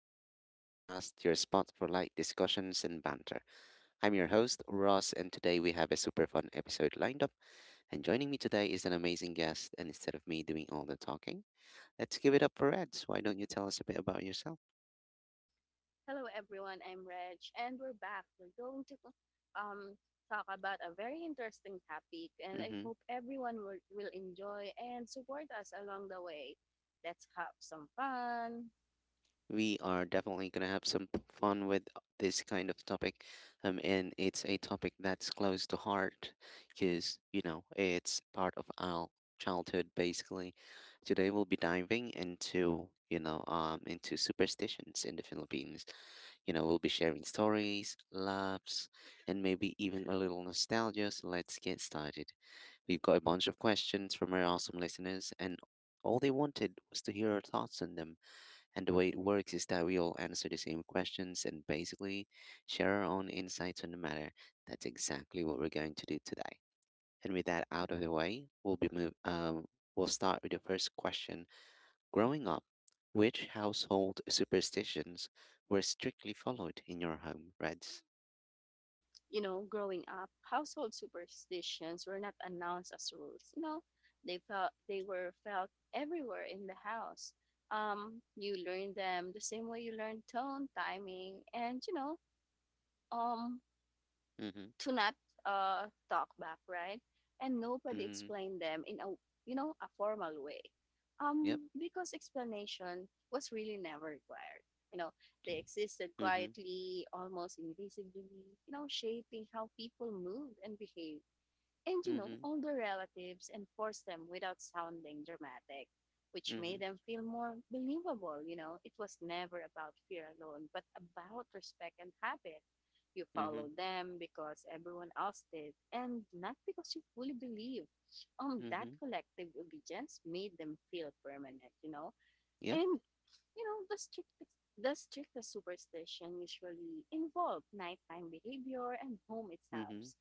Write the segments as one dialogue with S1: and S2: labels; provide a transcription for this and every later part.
S1: English Podcast, your spot for light discussions and banter. I'm your host, Ross, and today we have a super fun episode lined up. And joining me today is an amazing guest, and instead of me doing all the talking, let's give it up for Reds. Why don't you tell us a bit about yourself?
S2: Hello everyone, I'm Reg and we're back. We're going to um talk about a very interesting topic and I
S1: Mm-hmm.
S2: hope everyone will enjoy and support us along the way. Let's have some fun.
S1: We are definitely going to have some fun with this kind of topic. And it's a topic that's close to heart because, you know, it's part of our childhood basically. Today we'll be diving into, into superstitions in the Philippines. You know, we'll be sharing stories, laughs, and maybe even a little nostalgia. So let's get started. We've got a bunch of questions from our awesome listeners, and all they wanted was to hear our thoughts on them. And the way it works is that we all answer the same questions and basically share our own insights on the matter. That's exactly what we're going to do today. And with that out of the way, we'll be move. We'll start with the first question. Growing up, which household superstitions were strictly followed in your home, Reds?
S2: You know, growing up, household superstitions were not announced as rules. You know, they were felt everywhere in the house. You learn them the same way you learn tone, timing, and you know, um
S1: Mhm.
S2: to not talk back, right? And nobody
S1: Mhm.
S2: explained them in a you know a formal way,
S1: Yep.
S2: because explanation was really never required. You know, they existed
S1: Mhm.
S2: quietly, almost invisibly. You know, shaping how people moved and behaved and you know,
S1: Mhm.
S2: older relatives and forced them without sounding dramatic, which made
S1: Mhm.
S2: them feel more believable. You know, it was never about fear alone, but about respect and habit. You
S1: Mhm.
S2: followed them because everyone else did, and not because you fully believed. That
S1: Mhm.
S2: collective obedience made them feel permanent, you know.
S1: Yep.
S2: And you know, the strictest superstition usually involve nighttime behavior and home itself.
S1: Mhm.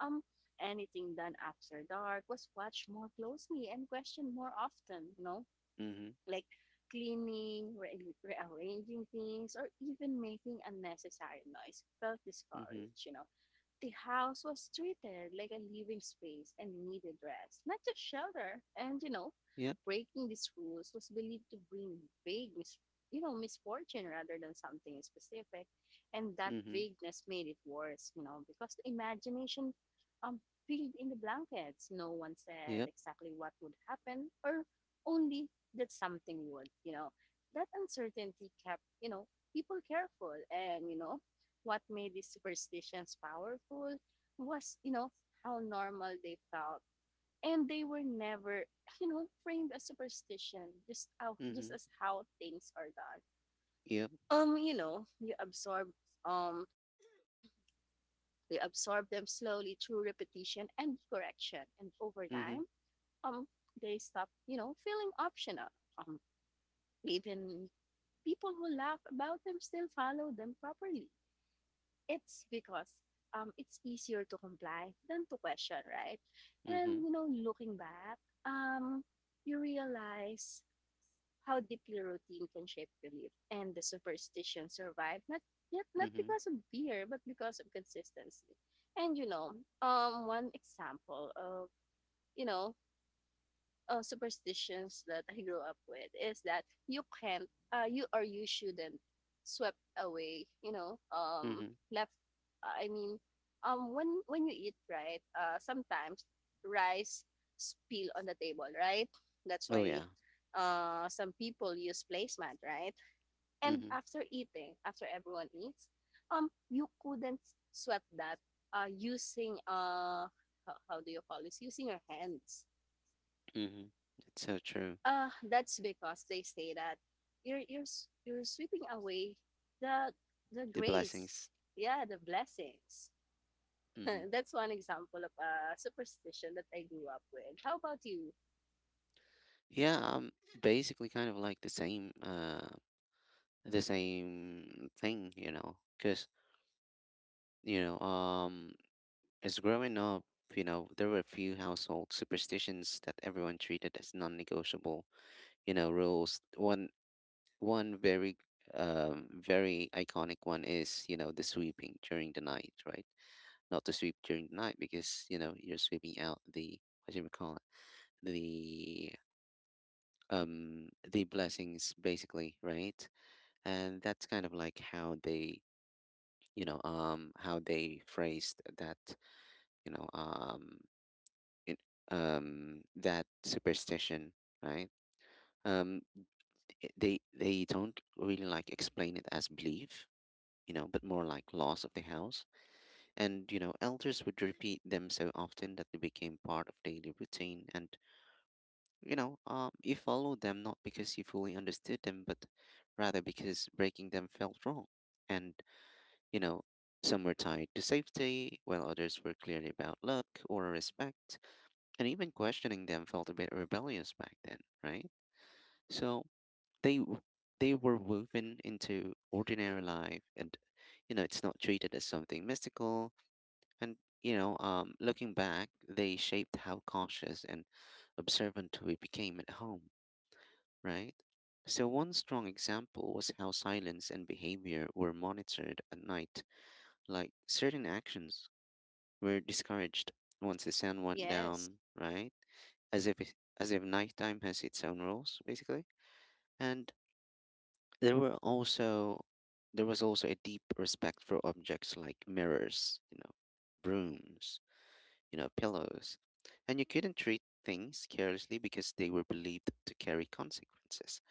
S2: Um, anything done after dark was watched more closely and questioned more often, you know,
S1: Mhm.
S2: like cleaning, rearranging things, or even making unnecessary noise felt
S1: Mhm.
S2: discouraged, you know the house was treated like a living space and needed rest, not just shelter. And you know,
S1: Yep.
S2: breaking these rules was believed to bring vague, mis- you know, misfortune rather than something specific. And that
S1: Mhm.
S2: vagueness made it worse, you know, because the imagination um filled in the blankets. No one said
S1: Yep.
S2: exactly what would happen, or only that something would, you know. That uncertainty kept, you know, people careful and you know what made these superstitions powerful was, you know, how normal they felt. And they were never, you know, framed as superstition, just
S1: Mhm.
S2: as how things are done.
S1: Yep.
S2: You know, you absorb um they absorb them slowly through repetition and correction. And over
S1: Mhm.
S2: time, um, they stop, you know, feeling optional. Um, even people who laugh about them still follow them properly. It's because it's easier to comply than to question, right?
S1: Mhm.
S2: And you know, looking back, um, you realize how deeply routine can shape belief and the superstition survived not
S1: Mhm.
S2: because of fear but because of consistency. And you know, one example of you know superstitions that I grew up with is that you can't, you shouldn't swept away, you know,
S1: Mhm.
S2: left. uh, I mean, when you eat, right? Sometimes rice spill on the table, right? That's
S1: Oh
S2: why
S1: yeah.
S2: some people use placemat, right? And
S1: Mhm.
S2: after everyone eats, you couldn't sweep that using how do you call this? Using your hands.
S1: Mhm. It's so true.
S2: That's because they say that you're sweeping away the the
S1: The
S2: grace,
S1: blessings.
S2: yeah, the blessings.
S1: hmm
S2: that's one example of a superstition that I grew up with. How about you?
S1: Yeah, basically kind of like the same thing, you know, because, you know, um, as growing up, you know, there were a few household superstitions that everyone treated as non-negotiable, you know, rules. One very, very iconic one is, you know, the sweeping during the night, right? Not to sweep during the night because, you know, you're sweeping out the, what do you call it? The the blessings basically, right? And that's kind of like how they, how they phrased that, you know um it, that superstition, right? Um th- they they don't really like explain it as belief, you know, but more like loss of the house. And you know, elders would repeat them so often that they became part of daily routine. And you know, you followed them not because you fully understood them, but rather because breaking them felt wrong. And, you know, some were tied to safety, while others were clearly about luck or respect. And even questioning them felt a bit rebellious back then, right? So they w- they were woven into ordinary life, and you know, it's not treated as something mystical. And you know, looking back, they shaped how cautious and observant we became at home, right? So, one strong example was how silence and behavior were monitored at night. Like certain actions were discouraged once the sun went
S2: Yes,
S1: down, right? As if nighttime has its own rules, basically. And there were also there was also a deep respect for objects like mirrors, you know, brooms, you know, pillows, and you couldn't treat things carelessly because they were believed to carry consequences.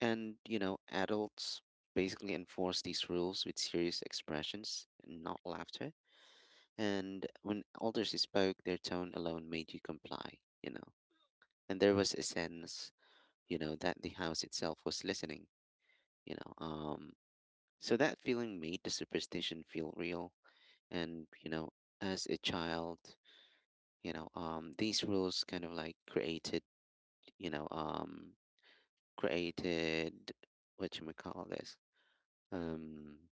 S1: And, you know, adults basically enforce these rules with serious expressions and not laughter. And when elders spoke, their tone alone made you comply, you know. And there was a sense, you know, that the house itself was listening, you know. So that feeling made the superstition feel real. And, you know, as a child, these rules kind of like you know, um, created what should we call this? Um,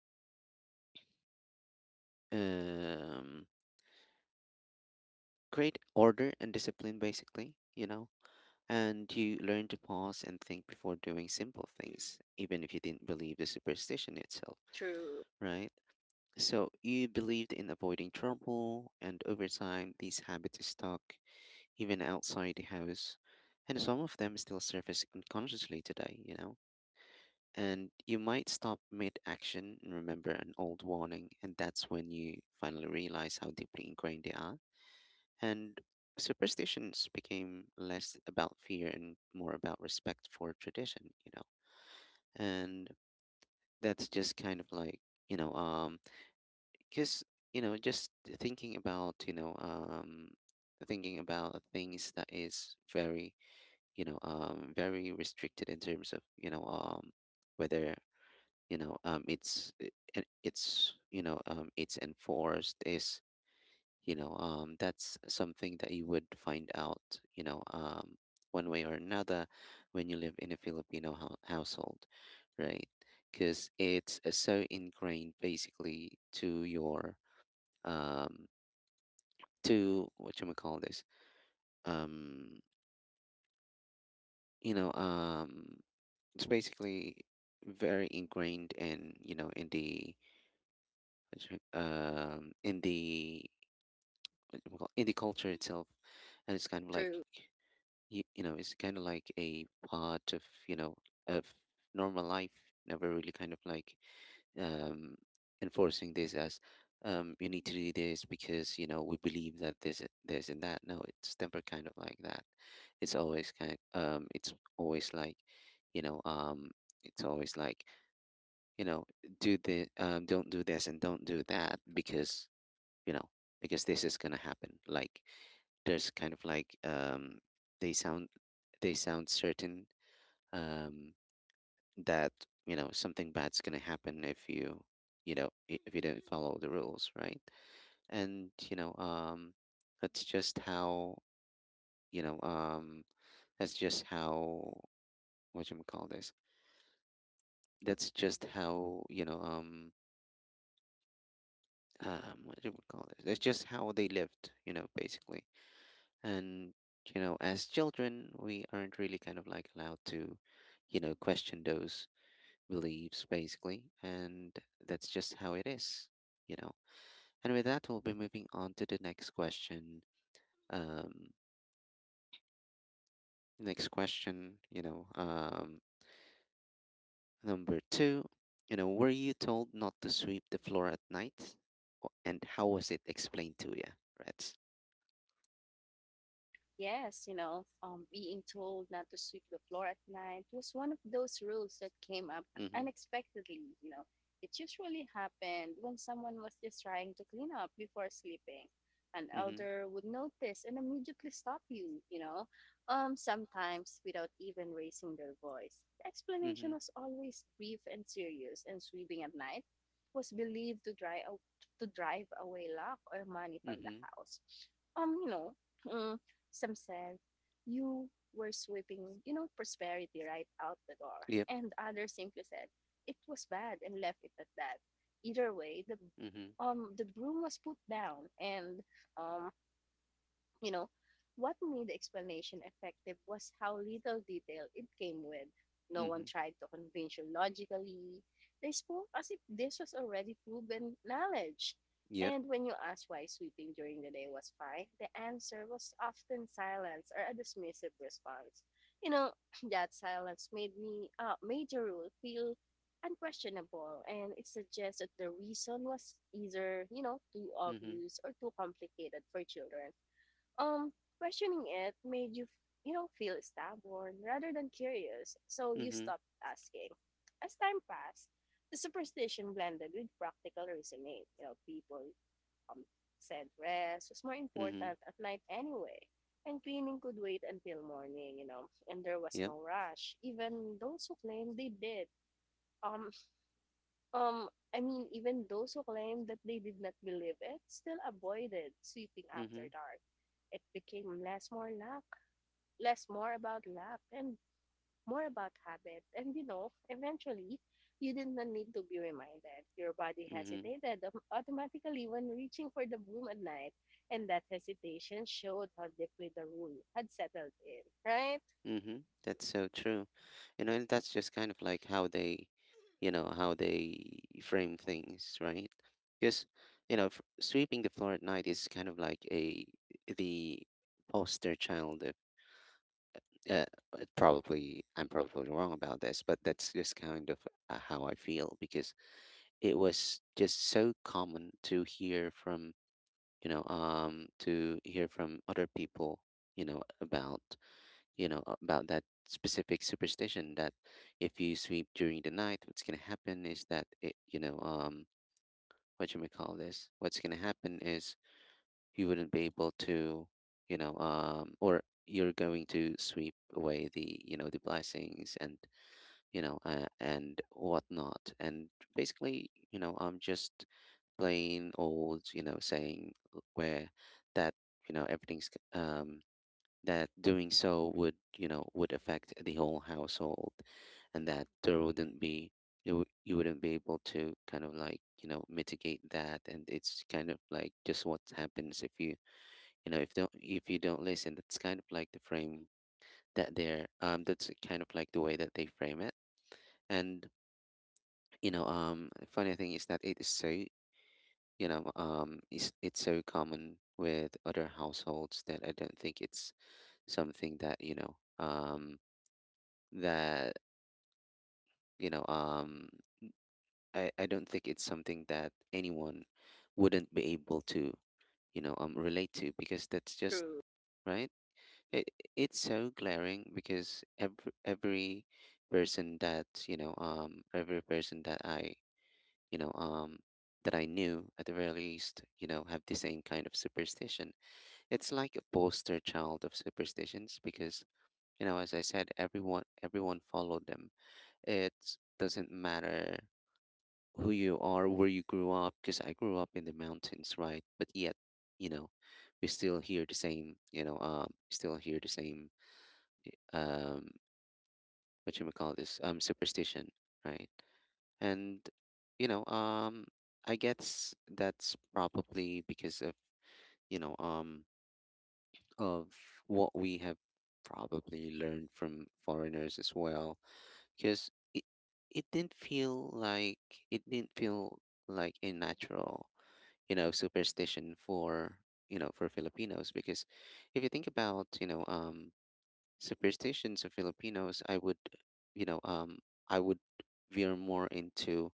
S1: um, create order and discipline, basically, you know, and you learn to pause and think before doing simple things, even if you didn't believe the superstition itself,
S2: true,
S1: right? So you believed in avoiding trouble, and over time, these habits stuck even outside the house, and some of them still surface unconsciously today, you know. And you might stop mid action and remember an old warning, and that's when you finally realize how deeply ingrained they are. And superstitions became less about fear and more about respect for tradition, you know. And that's just kind of like, you know, um, because, you know, just thinking about, you know, um, thinking about things that is very, very restricted in terms of, whether, you know, um, it's, it- it's it's enforced. Is that's something that you would find out, one way or another when you live in a household, right? Because it's so ingrained basically to your um, to what you call this, um, you know um, it's basically very ingrained in, you know, in the in the in the culture itself. And it's kind of like
S2: true.
S1: you know, it's kind of like a part of, you know, of normal life. Never really kind of like um enforcing this as you need to do this because, you know, we believe that this and that. No, it's never kind of like that. It's always like, you know um it's always like, you know, do the don't do this and don't do that because, you know, because this is gonna happen. Like, there's kind of like, they sound they sound certain, um, that, you know, something bad's gonna happen if you, if you don't follow the rules, right? And that's just how you know um, that's just how, what you call this. That's just how what do you call this? That's just how they lived, you know, basically. And, you know, as children, we aren't really kind of like allowed to, you know, question those beliefs basically. And that's just how it is, you know. And with that, we'll be moving on to the next question. Um, next question, number two, you know, were you told not to sweep the floor at night? And how was it explained to you, Reds?
S2: Yes, you know, being told not to sweep the floor at night was one of those rules that came up
S1: Mm-hmm.
S2: unexpectedly. You know, it usually happened when someone was just trying to clean up before sleeping. An
S1: Mm-hmm.
S2: elder would notice and immediately stop you, you know, sometimes without even raising their voice. The explanation
S1: Mm-hmm.
S2: was always brief and serious, and sweeping at night was believed to drive away luck or money from the
S1: Mm-hmm.
S2: house. You know, mm, Sam said, you were sweeping, you know, prosperity right out the door.
S1: Yep.
S2: And others simply said, it was bad and left it at that. Either way,
S1: Mm-hmm.
S2: the broom was put down and um you know, what made the explanation effective was how little detail it came with. No one
S1: Mm-hmm.
S2: tried to convince you logically. They spoke as if this was already proven knowledge.
S1: Yep.
S2: And when you asked why sweeping during the day was fine, the answer was often silence or a dismissive response. You know, that silence made the rule feel unquestionable and it suggests that the reason was either, you know, too
S1: Mm-hmm.
S2: obvious or too complicated for children um, questioning it made you, you know, feel stubborn rather than curious, so you
S1: Mm-hmm.
S2: stopped asking. As time passed, the superstition blended with practical reasoning. You know, people um, said rest was more
S1: Mm-hmm.
S2: important at night anyway, and cleaning could wait until morning, you know, and there was
S1: Yep.
S2: no rush, even those who claimed they did. Um, um, I mean, even those who claimed that they did not believe it still avoided sweeping after
S1: Mm-hmm.
S2: dark. It became less more about luck, and more about habit. And you know, eventually, you did not need to be reminded. Your body
S1: Mm-hmm.
S2: hesitated automatically when reaching for the broom at night, and that hesitation showed how deeply the rule had settled in. Right?
S1: Mm-hmm. That's so true. You know, and that's just kind of like how they, you know, how they frame things, right? Because, you know, sweeping the floor at night is kind of like a, the poster child of, uh, probably, I'm probably wrong about this, but that's just kind of how I feel because it was just so common to hear from, to hear from other people, you know, about. You know, about that specific superstition that if you sweep during the night, what's gonna happen is that it, what you may call this, what's gonna happen is you wouldn't be able to, or you're going to sweep away the, you know, the blessings and, you know, and whatnot, and basically, you know, I'm just plain old, you know, saying where that, you know, everything's that doing so would, you know, would affect the whole household and that there wouldn't be you wouldn't be able to kind of like, you know, mitigate that. And it's kind of like just what happens if you, you know, if you don't listen. That's kind of like the frame that's kind of like the way that they frame it. And you know, funny thing is that it is so, it's so common with other households that I don't think it's something that that you know um I don't think it's something that anyone wouldn't be able to, relate to, because that's just
S2: True.
S1: right. it, it's so glaring because every person that, every person that I you know um that I knew, at the very least, you know, have the same kind of superstition. It's like a poster child of superstitions because, you know, as I said, everyone followed them. It doesn't matter who you are, where you grew up, because I grew up in the mountains, right? But yet, you know, we still hear the same, you know, still hear the same, eh, um, what you may call this, superstition, right? And you know, um, I guess that's probably because you know, um, of what we have probably learned from foreigners as well, because it didn't feel like it didn't feel a natural superstition for Filipinos. Because if you think about superstitions of Filipinos, you know um I would veer more into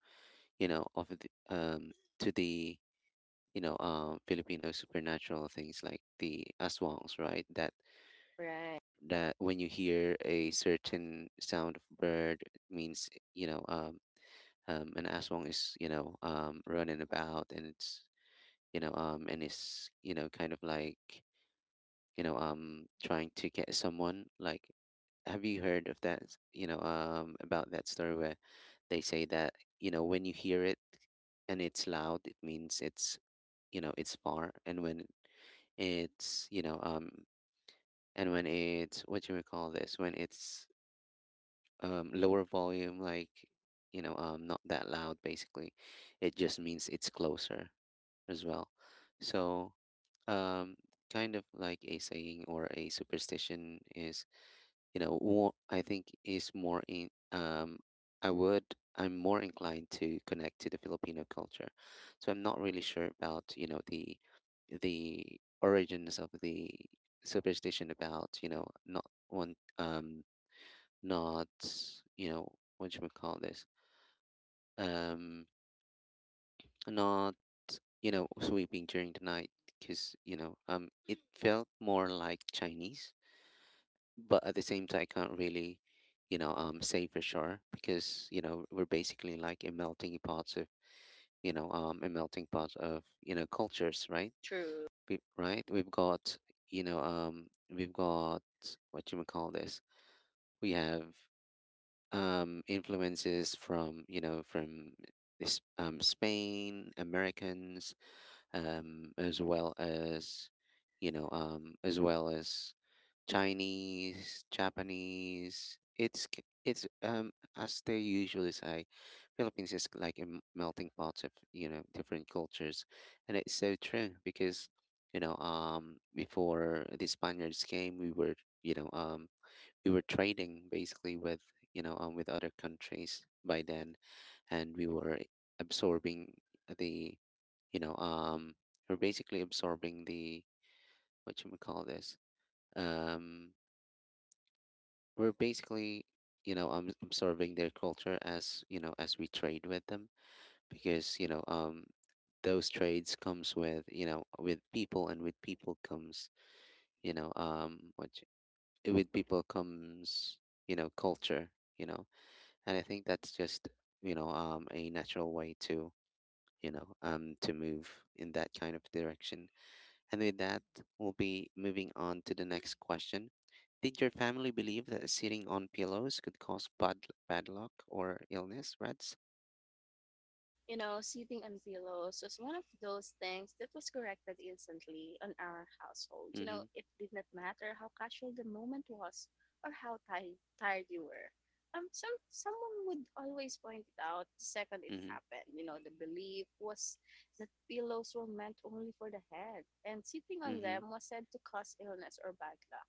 S1: you know of the, um to the Filipino supernatural things like the aswangs, right? that
S2: Right.
S1: that when you hear a certain sound of bird, it means you know um an aswang is, running about, and it's, you know, and is, kind of like, trying to get someone. Like, have you heard of that? About that story where they say that, when you hear it and it's loud, it means it's far. It's, you know, um, and when it's, what do you call this? When it's, lower volume, like, not that loud, basically. It just means it's closer as well. So, um kind of like a saying or a superstition is, more. I think is more in I would I'm more inclined to connect to the Filipino culture. So I'm not really sure about the origins of the superstition about you know not one not you know what should we call this, um not sweeping during the night, because it felt more like Chinese. But at the same time, I can't really, say for sure, because you know we're basically like a melting pot of, a melting pot of cultures, right?
S2: True.
S1: Right, we've got, we've got, what you may call this, we have, influences from, from this Spain, Americans, as well as, as well as Chinese, Japanese. It's, as they usually say, Philippines is like a melting pot of different cultures. And it's so true because, before the Spaniards came, we were, you know um we were trading basically with, with other countries by then. And we were absorbing the, you know um we're basically absorbing the, what you would call this, um we're basically you know absorbing their culture, as you know as we trade with them, because those trades comes with, with people. And with people comes, you know um what with people comes culture, you know. And I think that's just, a natural way to, to move in that kind of direction. And with that, we'll be moving on to the next question. Did your family believe that sitting on pillows could cause bad luck or illness, Reds?
S2: You know, sitting on pillows was one of those things that was corrected instantly on our household. You know,
S1: Mm-hmm,
S2: it did not matter how casual the moment was or how tired you were. Someone would always point it out the second it
S1: mm-hmm,
S2: happened. You know, the belief was that pillows were meant only for the head, and sitting on
S1: mm-hmm,
S2: them was said to cause illness or bad luck.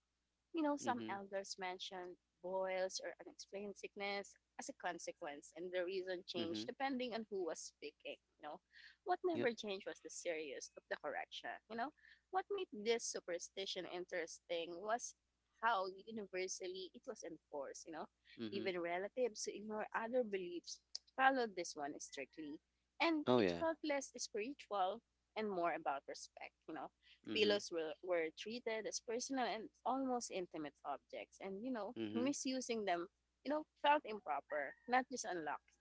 S2: You know, some
S1: mm-hmm,
S2: elders mentioned boils or unexplained sickness as a consequence, and the reason
S1: mm-hmm,
S2: changed depending on who was speaking. You know, what
S1: yep,
S2: never changed was the serious of the correction. You know, what made this superstition interesting was how universally it was enforced. You know,
S1: mm-hmm.
S2: even relatives who ignore other beliefs followed this one strictly, and
S1: Oh,
S2: it
S1: yeah.
S2: felt less spiritual and more about respect. You know,
S1: Mm-hmm,
S2: pillows were treated as personal and almost intimate objects, and you know,
S1: mm-hmm,
S2: misusing them, you know, felt improper, not just unlucky.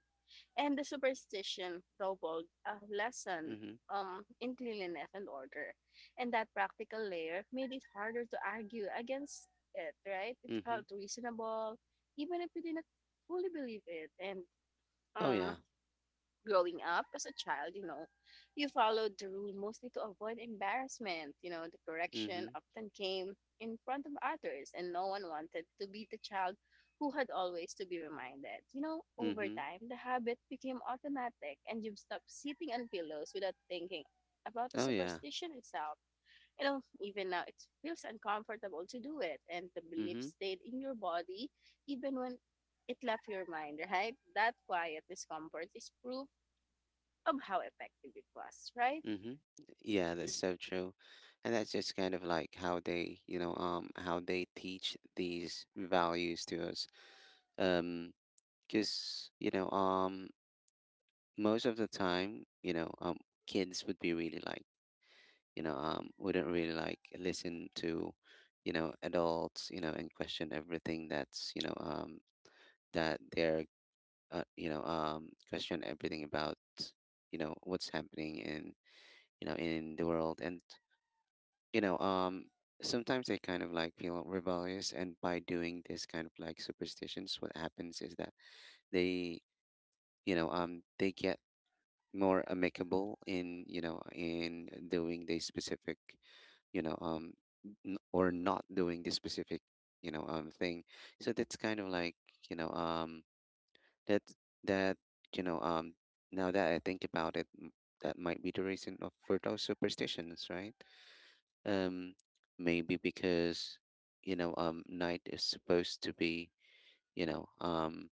S2: And the superstition doubled a lesson
S1: mm-hmm,
S2: in cleanliness and order, and that practical layer made it harder to argue against it, right? It
S1: mm-hmm.
S2: felt reasonable, even if you didn't fully believe it, and
S1: Oh,
S2: um,
S1: yeah.
S2: growing up as a child, you know, you followed the rule mostly to avoid embarrassment. You know, the correction
S1: Mm-hmm,
S2: often came in front of others, and no one wanted to be the child who had always to be reminded. You know, over
S1: mm-hmm.
S2: time, the habit became automatic, and you stopped sitting on pillows without thinking about the
S1: Oh, yeah.
S2: superstition itself. You know, even now, it feels uncomfortable to do it, and the belief
S1: Mm-hmm,
S2: stayed in your body even when it left your mind, right? That quiet discomfort is proof of how effective it was, right?
S1: mm-hmm. Yeah, that's so true. And that's just kind of like how they teach these values to us. Um, because most of the time, kids would be really like, wouldn't really like listen to adults, you know, and question everything that's, that they're, question everything about what's happening in, in the world. And you know um sometimes they kind of like feel rebellious, and by doing this kind of like superstitions, what happens is that they, they get more amicable in, in doing the specific, you know um or not doing the specific, thing. So that's kind of like, you know um that that, you know um now that I think about it, that might be the reason of for those superstitions, right? um maybe because, you know night is supposed to be you know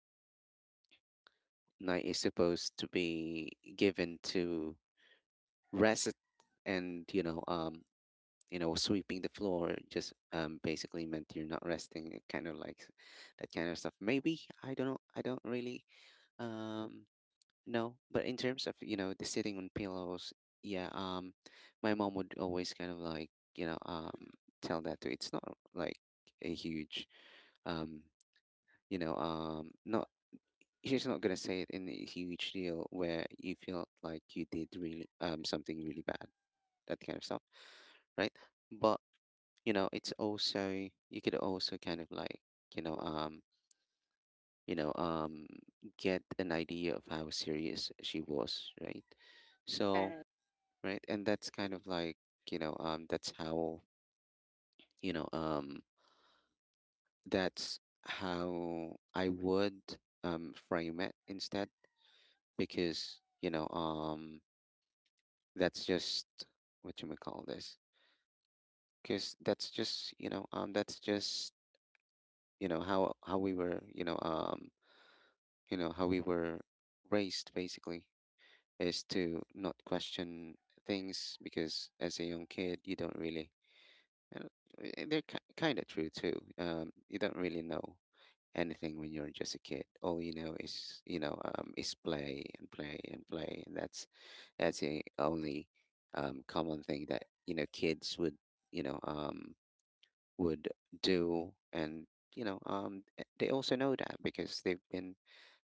S1: night is supposed to be given to rest. And, you know, sweeping the floor just, basically meant you're not resting. It kind of like that kind of stuff. Maybe I don't know. I don't really, um, know. But in terms of the sitting on pillows, yeah. My mom would always kind of like, tell that to. It's not like a huge, um, not. She's not gonna say it in a huge deal where you feel like you did really, something really bad, that kind of stuff, right? But you know, it's also, you could also kind of like, you know um you know um get an idea of how serious she was, right? So
S2: Right.
S1: right, and that's kind of like, that's how, you know um that's how I would, frame it instead. Because, that's just what you may call this. Because that's just, that's just how we were, you know how we were raised, basically. Is to not question things, because as a young kid you don't really. And, they're kind of true too. You don't really know anything when you're just a kid. All you know is, is play and play and play. And that's the only, common thing that kids would, you know um, would do. And, they also know that because they've been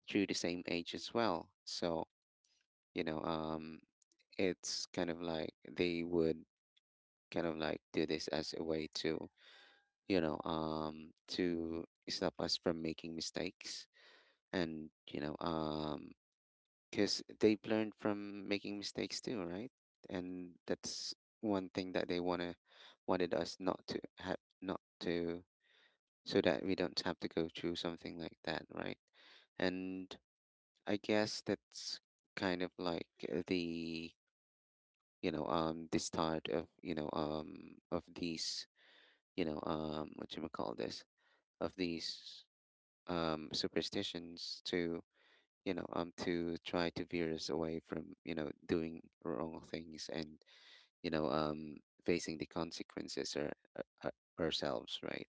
S1: through the same age as well. So, you know um it's kind of like they would kind of like do this as a way to, to stop us from making mistakes. And, because they've learned from making mistakes too, right? And that's one thing that they want to, wanted us not to have, not to, so that we don't have to go through something like that, right? And I guess that's kind of like, the, the start of, of these, what you call this, of these, superstitions to, to try to veer us away from doing wrong things. And, you know um facing the consequences or, ourselves, right?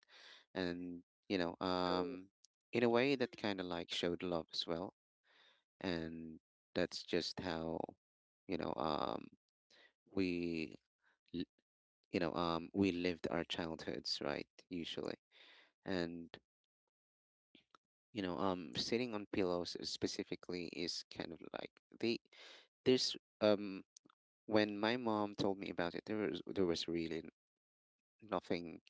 S1: And, you know
S2: True.
S1: um in a way that kind of like showed love as well. And that's just how, you know we l- you know we lived our childhoods, right, usually. And, sitting on pillows specifically is kind of like the, there's, um when my mom told me about it, there was really nothing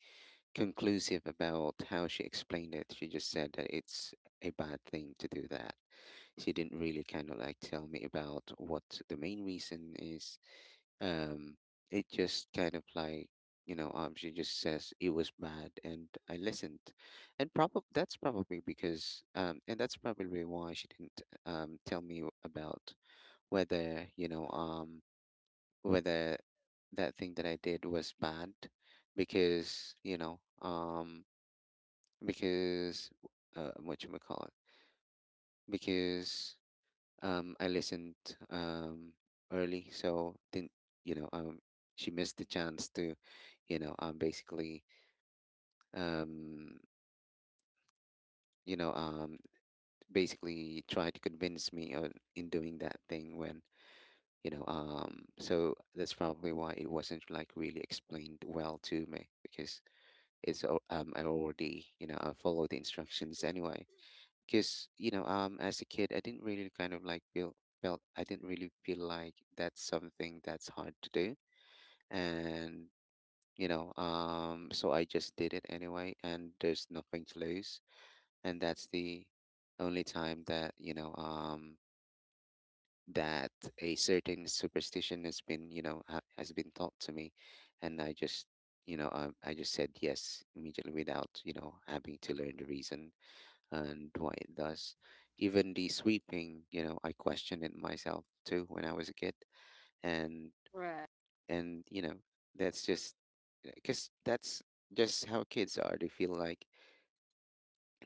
S1: conclusive about how she explained it. She just said that it's a bad thing to do that. She didn't really kind of like tell me about what the main reason is. Um, it just kind of like, she just says it was bad, and I listened. And probably that's probably because, and that's probably why she didn't, tell me about whether, whether that thing that I did was bad. Because, because, what you call it because, I listened, um early, so didn't, you know um she missed the chance to, basically, um you know um basically try to convince me on in doing that thing when, so that's probably why it wasn't like really explained well to me. Because I already, I follow the instructions anyway. Because, as a kid, I didn't really kind of like feel felt I didn't really feel like that's something that's hard to do. And, so I just did it anyway, and there's nothing to lose. And that's the only time that, that a certain superstition has been, has been taught to me. And I just, I just said yes immediately without having to learn the reason and why thus. Even the sweeping, you know, I questioned it myself too when I was a kid. And,
S2: Right.
S1: you know, that's just because that's just how kids are. They feel like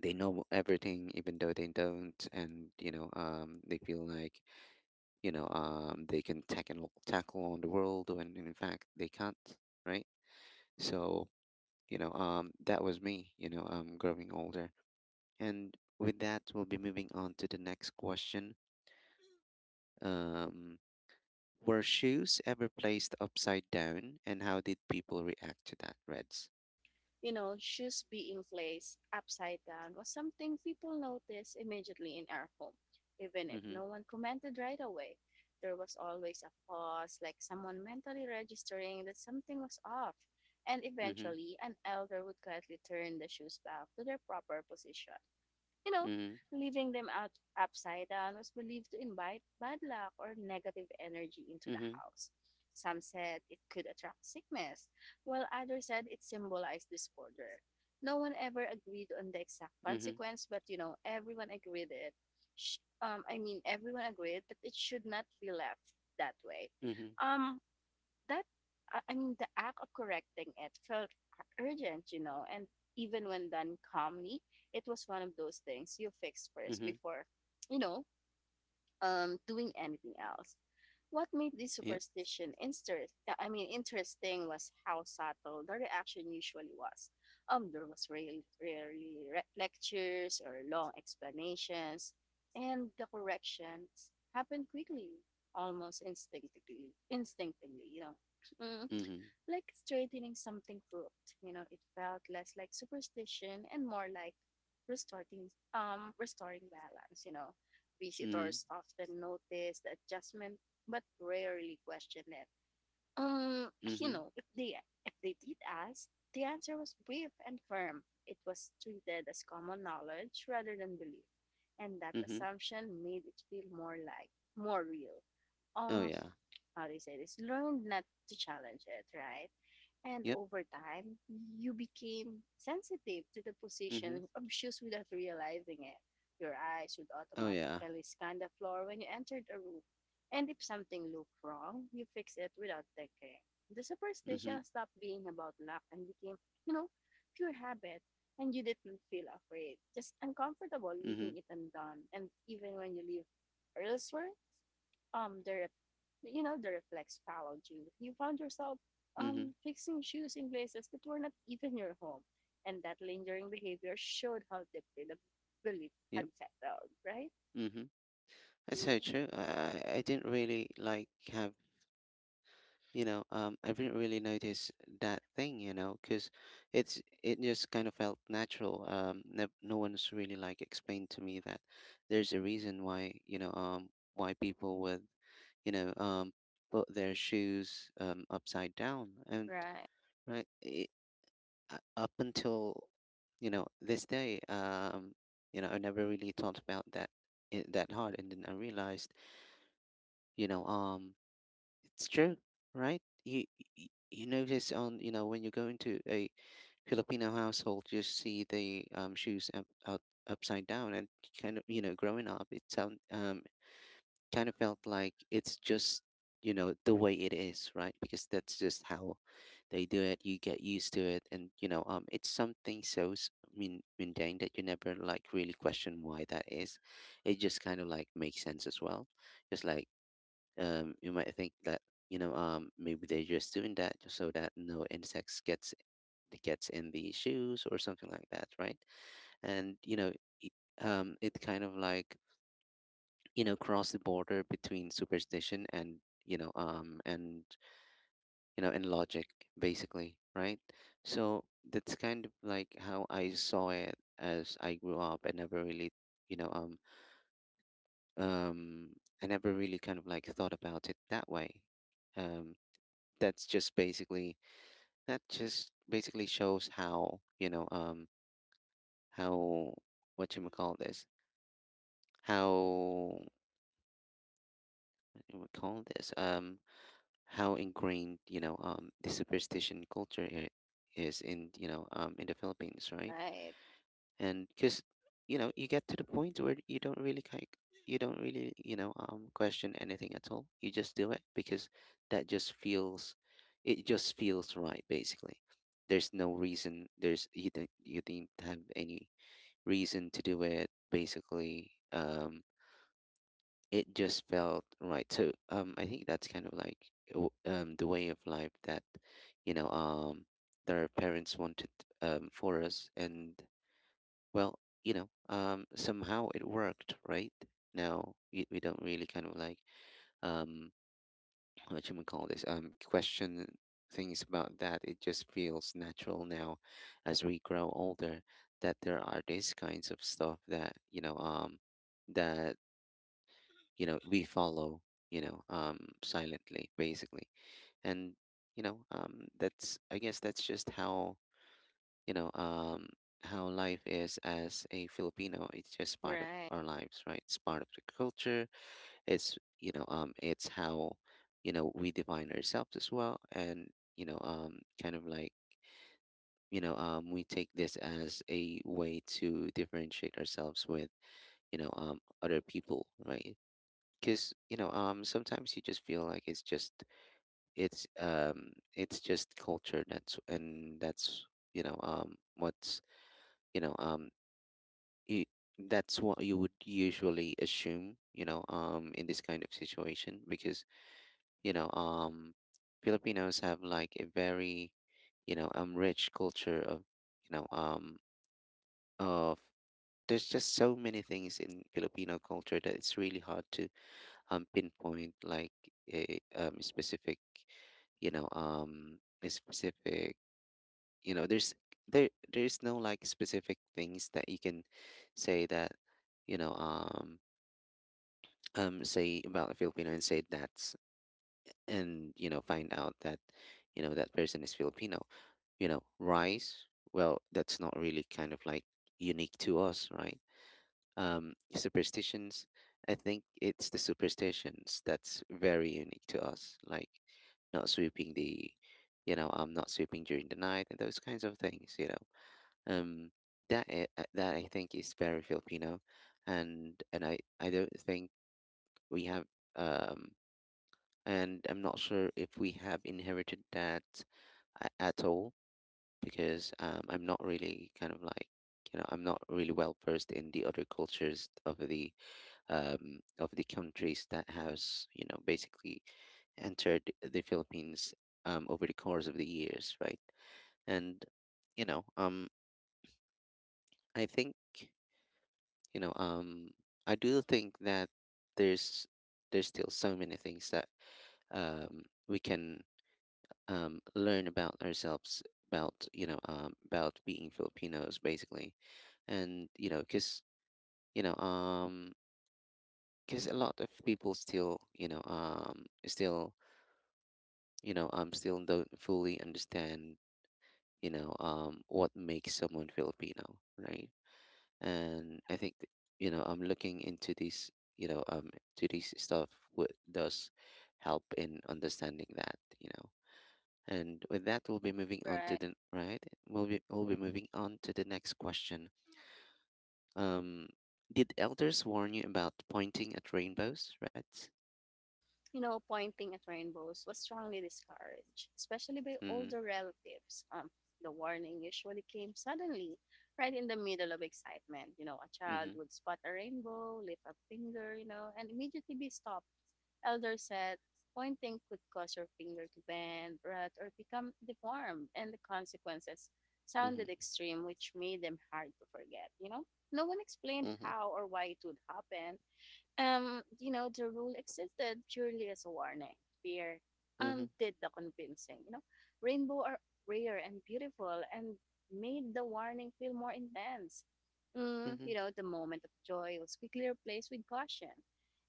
S1: they know everything even though they don't. And they feel like, they can tackle on the world when in fact they can't, right? So, that was me, growing older. And with that, we'll be moving on to the next question. Um, were shoes ever placed upside down, and how did people react to that, Reds?
S2: You know, shoes being placed upside down was something people noticed immediately in our home. Even if
S1: Mm-hmm.
S2: no one commented right away, there was always a pause, like someone mentally registering that something was off. And
S1: Mm-hmm.
S2: eventually, an elder would quietly turn the shoes back to their proper position. You know,
S1: Mm-hmm.
S2: leaving them out upside down was believed to invite bad luck or negative energy into the
S1: Mm-hmm.
S2: house. Some said it could attract sickness, while others said it symbolized disorder. No one ever agreed on the exact
S1: Mm-hmm.
S2: consequence, but you know, everyone agreed it. Everyone agreed that it should not be left that way.
S1: Mm-hmm.
S2: Um, that I mean the act of correcting it felt urgent, you know, and even when done calmly, it was one of those things you fix first
S1: Hmm.
S2: before, you know, doing anything else. What made this
S1: Yep.
S2: superstition interesting was how subtle the reaction usually was. There was lectures or long explanations, and the corrections happened quickly, instinctively, you know. Mm,
S1: Mm-hmm.
S2: like straightening something crooked. You know, it felt less like superstition and more like restoring restoring balance, you know.
S1: Mm-hmm.
S2: Visitors often notice the adjustment but rarely question it. Um, you
S1: Mm-hmm.
S2: know, if they did ask, the answer was brief and firm. It was treated as common knowledge rather than belief, and that
S1: Hmm.
S2: assumption made it feel more real.
S1: Oh
S2: Um,
S1: yeah.
S2: how do you say this? Learned not to challenge it, right? And
S1: Yep.
S2: over time, you became sensitive to the
S1: Mm-hmm.
S2: position of without realizing it. Your eyes would
S1: Oh yeah.
S2: automatically scan the floor when you entered a room. And if something looked wrong, you fix it without thinking. The
S1: Mm-hmm.
S2: superstition stopped being about luck and became, you know, pure habit. And you didn't feel afraid, just uncomfortable leaving
S1: Mm-hmm.
S2: it undone. And even when you leave elsewhere, you know the reflex followed you. You found yourself
S1: Mm-hmm.
S2: fixing shoes in places that were not even your home, and that lingering behavior showed how deeply the belief had
S1: Yep.
S2: settled. Right,
S1: Mm-hmm. That's so true. I didn't really like have, I didn't really notice that thing, you know, because it just kind of felt natural. Um, no, no one's really like explained to me that there's a reason why, why people would, you know um put their shoes, upside down. And
S2: right,
S1: right it, up until this day, I never really thought about that it, that hard. And then I realized, you know um it's true, right? You notice on when you go into a Filipino household, you see the shoes up, out upside down, and kind of growing up, it sound kind of felt like it's just the way it is, right? Because that's just how they do it. You get used to it, and it's something so mundane that you never like really question why that is. It just kind of like makes sense as well. Just like you might think that maybe they're just doing that just so that no insects gets in the shoes or something like that, right? And it, it kind of like cross the border between superstition and and and logic basically, right? So that's kind of like how I saw it as I grew up. I never really you know um um I never really kind of like thought about it that way. Um, that's just basically that just basically shows how how what you may call this how what you would call this, how ingrained the superstition culture is in in the Philippines, right?
S2: right,
S1: And because you get to the point where you don't really question anything at all. You just do it because that just feels it just feels right basically. There's no reason, there's, you didn't have any reason to do it basically. It just felt right. So I think that's kind of like the way of life that you know um that our parents wanted for us. And well, somehow it worked, right? Now we don't really kind of like um, what you would call this, question things about that. It just feels natural now, as we grow older, that there are these kinds of stuff that that we follow, silently, basically. And that's, I guess that's just how you know, um, how life is as a Filipino. It's just part of
S2: right,
S1: our lives, right? It's part of the culture. It's it's how we define ourselves as well. And kind of like we take this as a way to differentiate ourselves with other people, right? Because sometimes you just feel like it's just it's just culture. That's what's you know um you, that's what you would usually assume, in this kind of situation. Because you know, um, Filipinos have like a very, rich culture of, you know, um, of there's just so many things in Filipino culture that it's really hard to pinpoint like a specific, a specific, you know, there's there there's no like specific things that you can say that you know um say about a Filipino and say that's, and find out that that person is Filipino. You know, rice, well, that's not really kind of like unique to us, right? Superstitions, I think it's the superstitions that's very unique to us, like not sweeping the, I'm not sweeping during the night, and those kinds of things, you know. Um that I think is very Filipino. And I don't think we have, um and I'm not sure if we have inherited that at all, because I'm not really kind of like I'm not really well versed in the other cultures of the, of the countries that has basically entered the Philippines over the course of the years, right? And you know um, I think you know um, I do think that there's there's still so many things that, we can, learn about ourselves, about about being Filipinos, basically. And because you know, um, because a lot of people still, still, still don't fully understand, what makes someone Filipino, right? And I think I'm looking into this, you know, um, to this stuff would does help in understanding that, you know. And with that, we'll be moving on to
S2: right.
S1: the right. We'll be moving on to the next question. Um, did elders warn you about pointing at rainbows, right?
S2: You know, pointing at rainbows was strongly discouraged, especially by
S1: Mm-hmm.
S2: older relatives. The warning usually came suddenly, right in the middle of excitement. You know, a child
S1: Mm-hmm.
S2: would spot a rainbow, lift a finger, you know, and immediately be stopped. Elder said pointing could cause your finger to bend, rot, or become deformed, and the consequences sounded
S1: Mm-hmm.
S2: extreme, which made them hard to forget. You know, no one explained
S1: Mm-hmm.
S2: how or why it would happen. You know, the rule existed purely as a warning. Fear
S1: Mm-hmm.
S2: did the convincing, you know. Rainbow are rare and beautiful and made the warning feel more intense. Mm,
S1: Mm-hmm.
S2: you know, the moment of joy was quickly replaced with caution.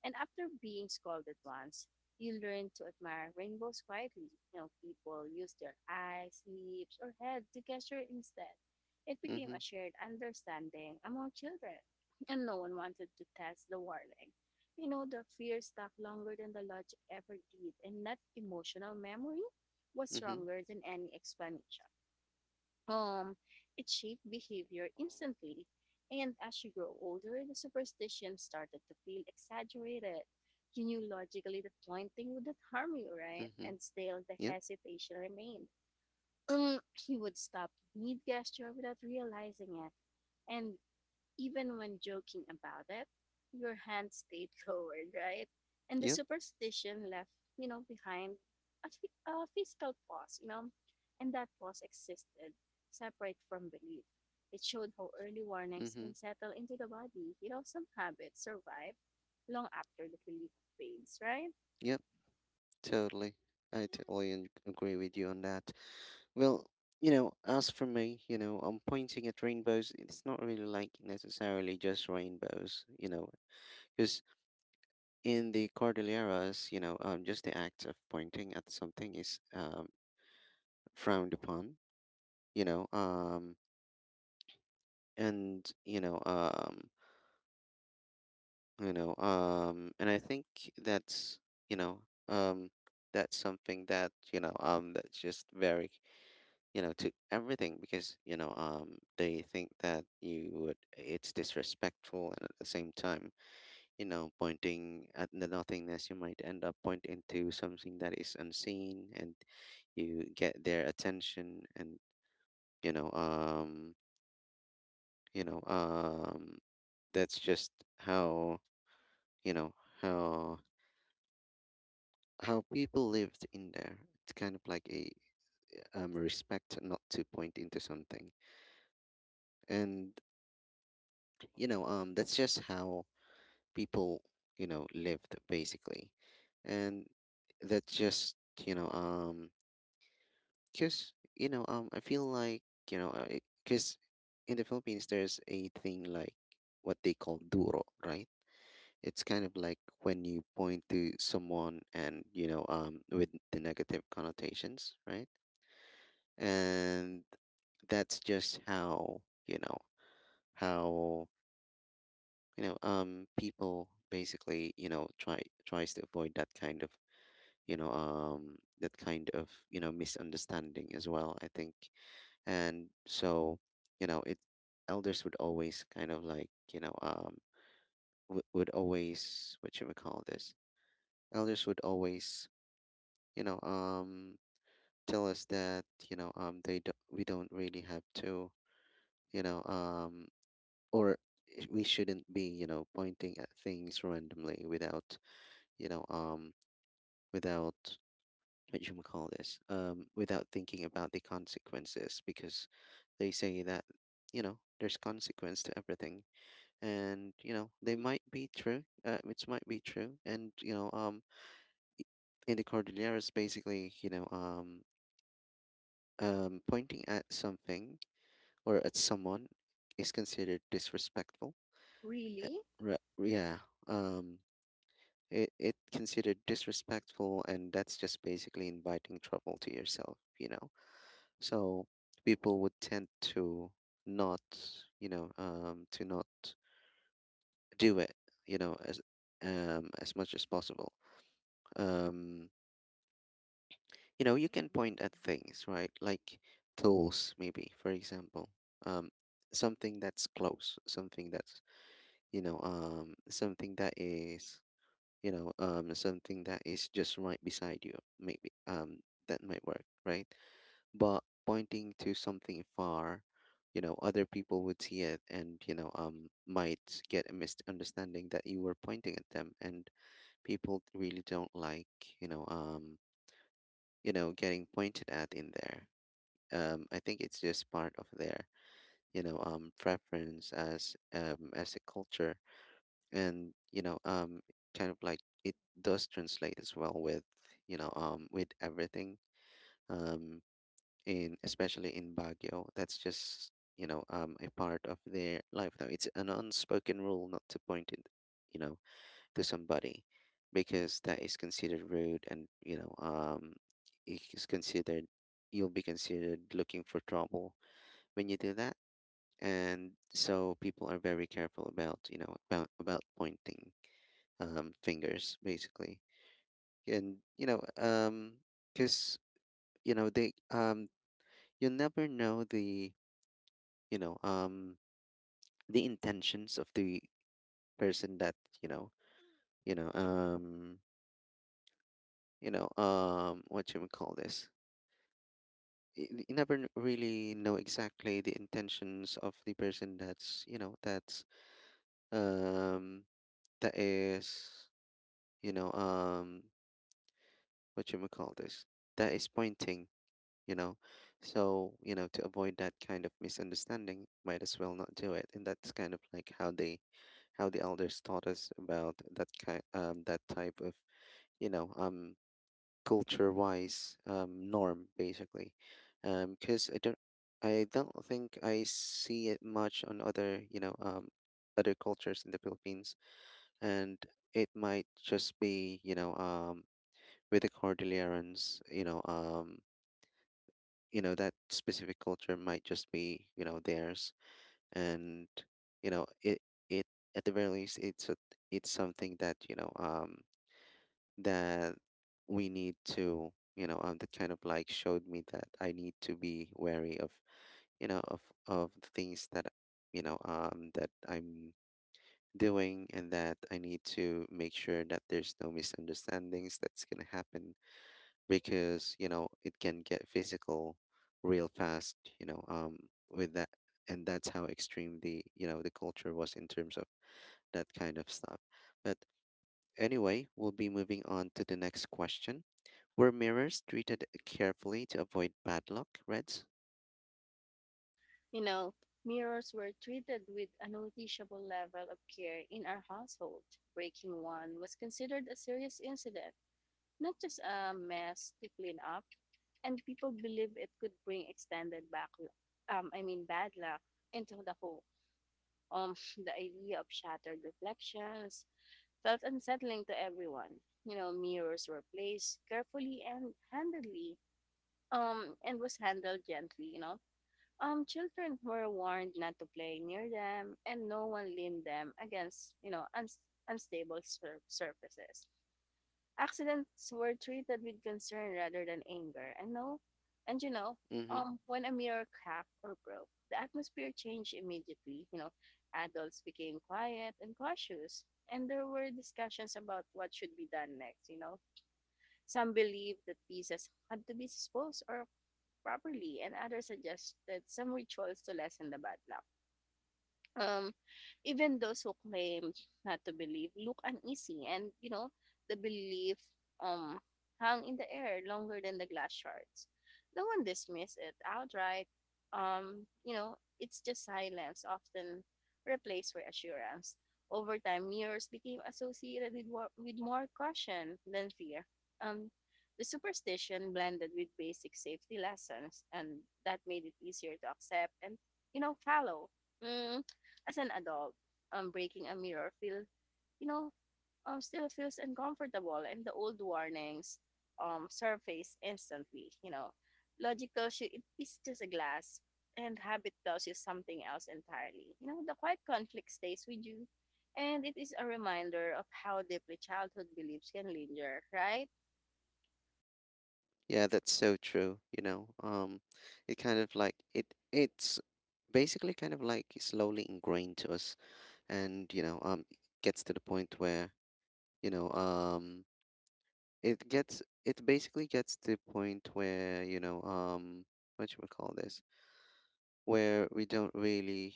S2: And after being scolded once, you learn to admire rainbows quietly. You know, people use their eyes, lips, or head to gesture instead. It became
S1: Mm-hmm.
S2: a shared understanding among children, and no one wanted to test the warning. You know, the fear stuck longer than the logic ever did, and that emotional memory was
S1: Mm-hmm.
S2: stronger than any explanation. Um, it shaped behavior instantly, and as you grow older, the superstition started to feel exaggerated. You knew logically the pointing wouldn't harm you, right?
S1: Mm-hmm.
S2: And still, the
S1: Yep.
S2: hesitation remained. He would stop mid gesture without realizing it, and even when joking about it, your hand stayed lowered, right? And the
S1: Yep.
S2: superstition left, you know, behind a physical pause, you know, and that pause existed separate from belief. It showed how early warnings
S1: Mm-hmm.
S2: can settle into the body. You know, some habits survive long after the belief fades, right?
S1: Yep. Totally. I totally agree with you on that. Well, you know, as for me, you know, I'm pointing at rainbows. It's not really like necessarily just rainbows, you know, because in the Cordilleras, just the act of pointing at something is, frowned upon, you know, and you know, and I think that's, you know, um, that's something that that's just very to everything. Because they think that you would, it's disrespectful. And at the same time, pointing at the nothingness, you might end up pointing to something that is unseen, and you get their attention. And you know um you know um that's just how you know how how people lived in there. It's kind of like a respect not to point into something. And that's just how people lived, basically. And that just, you know um because I feel like, you know because in the Philippines, there's a thing like what they call duro, right? It's kind of like when you point to someone, and with the negative connotations, right? And that's just how you know how people basically try tries to avoid that kind of that kind of misunderstanding as well, I think. And so, it, elders would always kind of like w- would always what should we call this, elders would always you know um tell us that we don't really have to you know um or we shouldn't be pointing at things randomly without you know um without what you call this, without thinking about the consequences. Because they say that there's consequence to everything. And they might be true, which might be true. And in the Cordilleras basically, pointing at something or at someone is considered disrespectful. Uh,
S2: Really?
S1: yeah. um it considered disrespectful, and that's just basically inviting trouble to yourself, you know. So people would tend to not, to not do it, you know, as, as much as possible. Um, you know, you can point at things, right? Like tools, maybe, for example, um, something that's close, something that's, something that is, something that is just right beside you, maybe, that might work, right? But pointing to something far, you know, other people would see it and, might get a misunderstanding that you were pointing at them, and people really don't like, you know, um, you know, getting pointed at in there. I think it's just part of their, preference as, as a culture. And kind of like, it does translate as well with, with everything. Um, in, especially in Baguio. That's just a part of their life now. It's an unspoken rule not to point it, you know, to somebody, because that is considered rude. And it is considered, you'll be considered looking for trouble when you do that. And so people are very careful about pointing fingers, basically. And you know because you know they you'll never know the you know the intentions of the person that you know you know you know what you would call this you you never really know exactly the intentions of the person that's you know that's um that is you know what you would call this that is pointing you know so, to avoid that kind of misunderstanding, might as well not do it. And that's kind of like how the elders taught us about that type of you know um culture wise norm, basically. Because I don't think I see it much on other you know other cultures in the Philippines. And it might just be, with the Cordillerans, that specific culture might just be theirs. And you know it it at the very least, it's a, it's something that that we need to, that kind of like showed me that I need to be wary of, you know of of the things that that I'm doing. And that I need to make sure that there's no misunderstandings that's gonna happen, because it can get physical real fast, with that. And that's how extreme the, the culture was in terms of that kind of stuff. But anyway, we'll be moving on to the next question. Were mirrors treated carefully to avoid bad luck, reds?
S2: You know, mirrors were treated with a noticeable level of care in our household. Breaking one was considered a serious incident, not just a mess to clean up, and people believe it could bring extended back, I mean bad luck into the whole. Um, the idea of shattered reflections felt unsettling to everyone. You know, mirrors were placed carefully and handedly, and was handled gently. You know, children were warned not to play near them, and no one leaned them against, you know, unstable surfaces. Accidents were treated with concern rather than anger. And no, and you know,
S1: Mm-hmm.
S2: when a mirror cracked or broke, the atmosphere changed immediately. You know, adults became quiet and cautious, and there were discussions about what should be done next. You know, some believed that pieces had to be disposed or properly, and others suggested some rituals to lessen the bad luck. Um, Even those who claim not to believe look uneasy, and you know, the belief um hung in the air longer than the glass shards. No one dismissed it outright. You know, it's just silence often replaced reassurance. Over time, mirrors became associated with, with more caution than fear. Um, the superstition blended with basic safety lessons, and that made it easier to accept and, you know, follow. Mm, as an adult, breaking a mirror feel, you know, still feels uncomfortable, and the old warnings surface instantly. You know, logic tells you it is just a glass, and habit tells you something else entirely. You know, the quiet conflict stays with you, and it is a reminder of how deeply childhood beliefs can linger, right?
S1: Yeah, that's so true. It kind of like it's basically kind of like slowly ingrained to us. And gets to the point where, you know um it basically gets to the point where, what should we call this, where we don't really,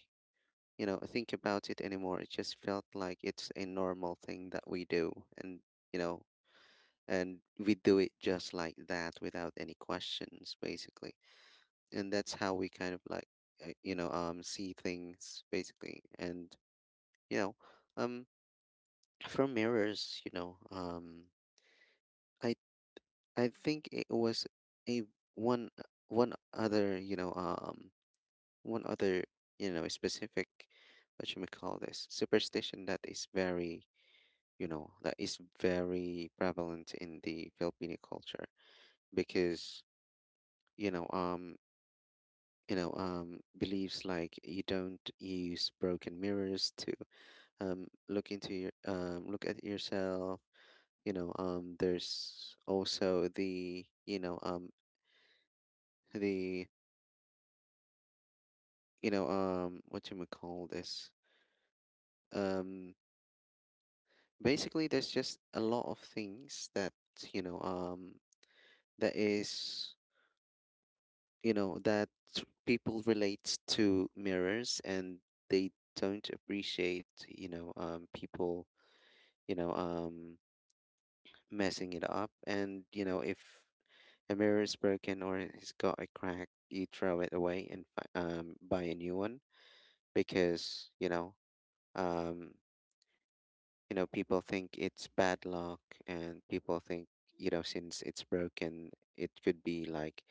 S1: think about it anymore. It just felt like it's a normal thing that we do. And you know and we do it just like that without any questions, basically. And that's how we kind of like, see things, basically. And you know um from mirrors, I I think it was a, one one other, one other, specific, what you may call this, superstition that is very, that is very prevalent in the Filipino culture. Because you know um beliefs like, you don't use broken mirrors to look into your, look at yourself. There's also the, the what you call this, um basically there's just a lot of things that, you know um that is, that people relate to mirrors. And they don't appreciate, people you know um messing it up. And if a mirror is broken or it's got a crack, you throw it away and buy a new one, because um people think it's bad luck. And people think, since it's broken, it could be like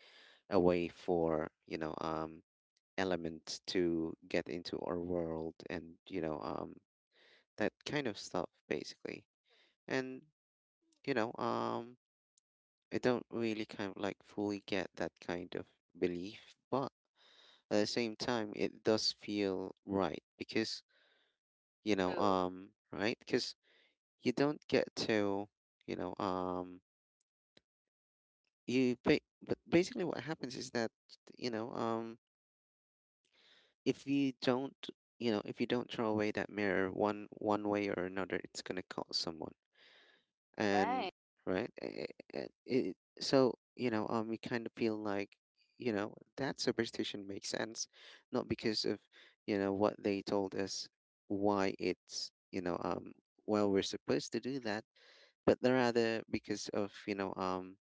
S1: a way for, elements to get into our world, and that kind of stuff, basically. And you know um I don't really kind of like fully get that kind of belief, but at the same time it does feel right, because
S2: True.
S1: right, because you don't get to, you know um you pay. But basically what happens is that, you know um if you don't, if you don't throw away that mirror, one way or another, it's going to cause someone. And
S2: Right.
S1: right, it, so you kind of feel like, that superstition makes sense. Not because of, what they told us, why it's, well, we're supposed to do that, but rather because of, you know um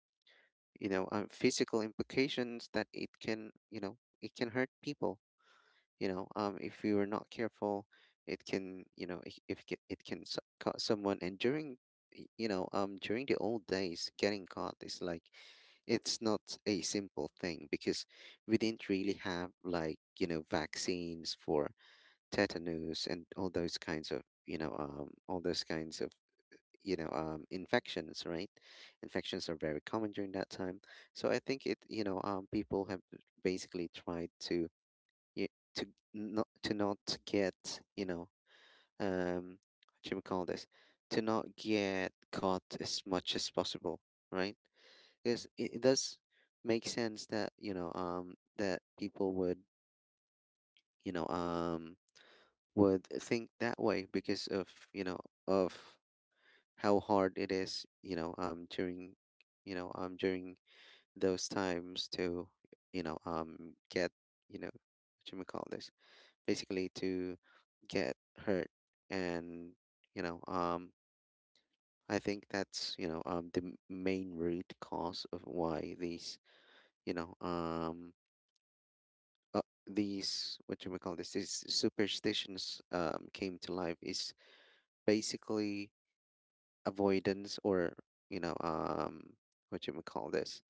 S1: you know um, physical implications, that it can, it can hurt people, if you are not careful. It can, if it can, it can cause someone. And during, during the old days, getting caught is like, it's not a simple thing, because we didn't really have like, vaccines for tetanus, and all those kinds of, infections, right? Infections are very common during that time. So I think it, people have basically tried to, y- to not, to not get, um what should we call this, to not get caught as much as possible, right? Because it does make sense that, that people would, you know um would think that way, because of, of how hard it is, during, during those times to, get, what you may call this, basically to get hurt. And you know, um, I think that's, the main root cause of why these, you know, um. Uh, these, what you may call this, these superstitions came to life, is basically avoidance, or you know um what you may call this,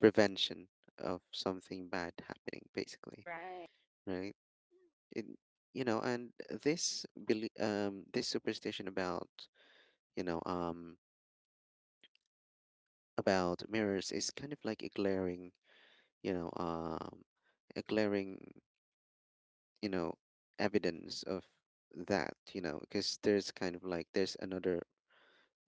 S1: prevention of something bad happening, basically.
S2: Right.
S1: Right, it, and this this superstition about, you know um about mirrors, is kind of like a glaring, you know um a glaring, you know evidence of that, because there's kind of like, there's another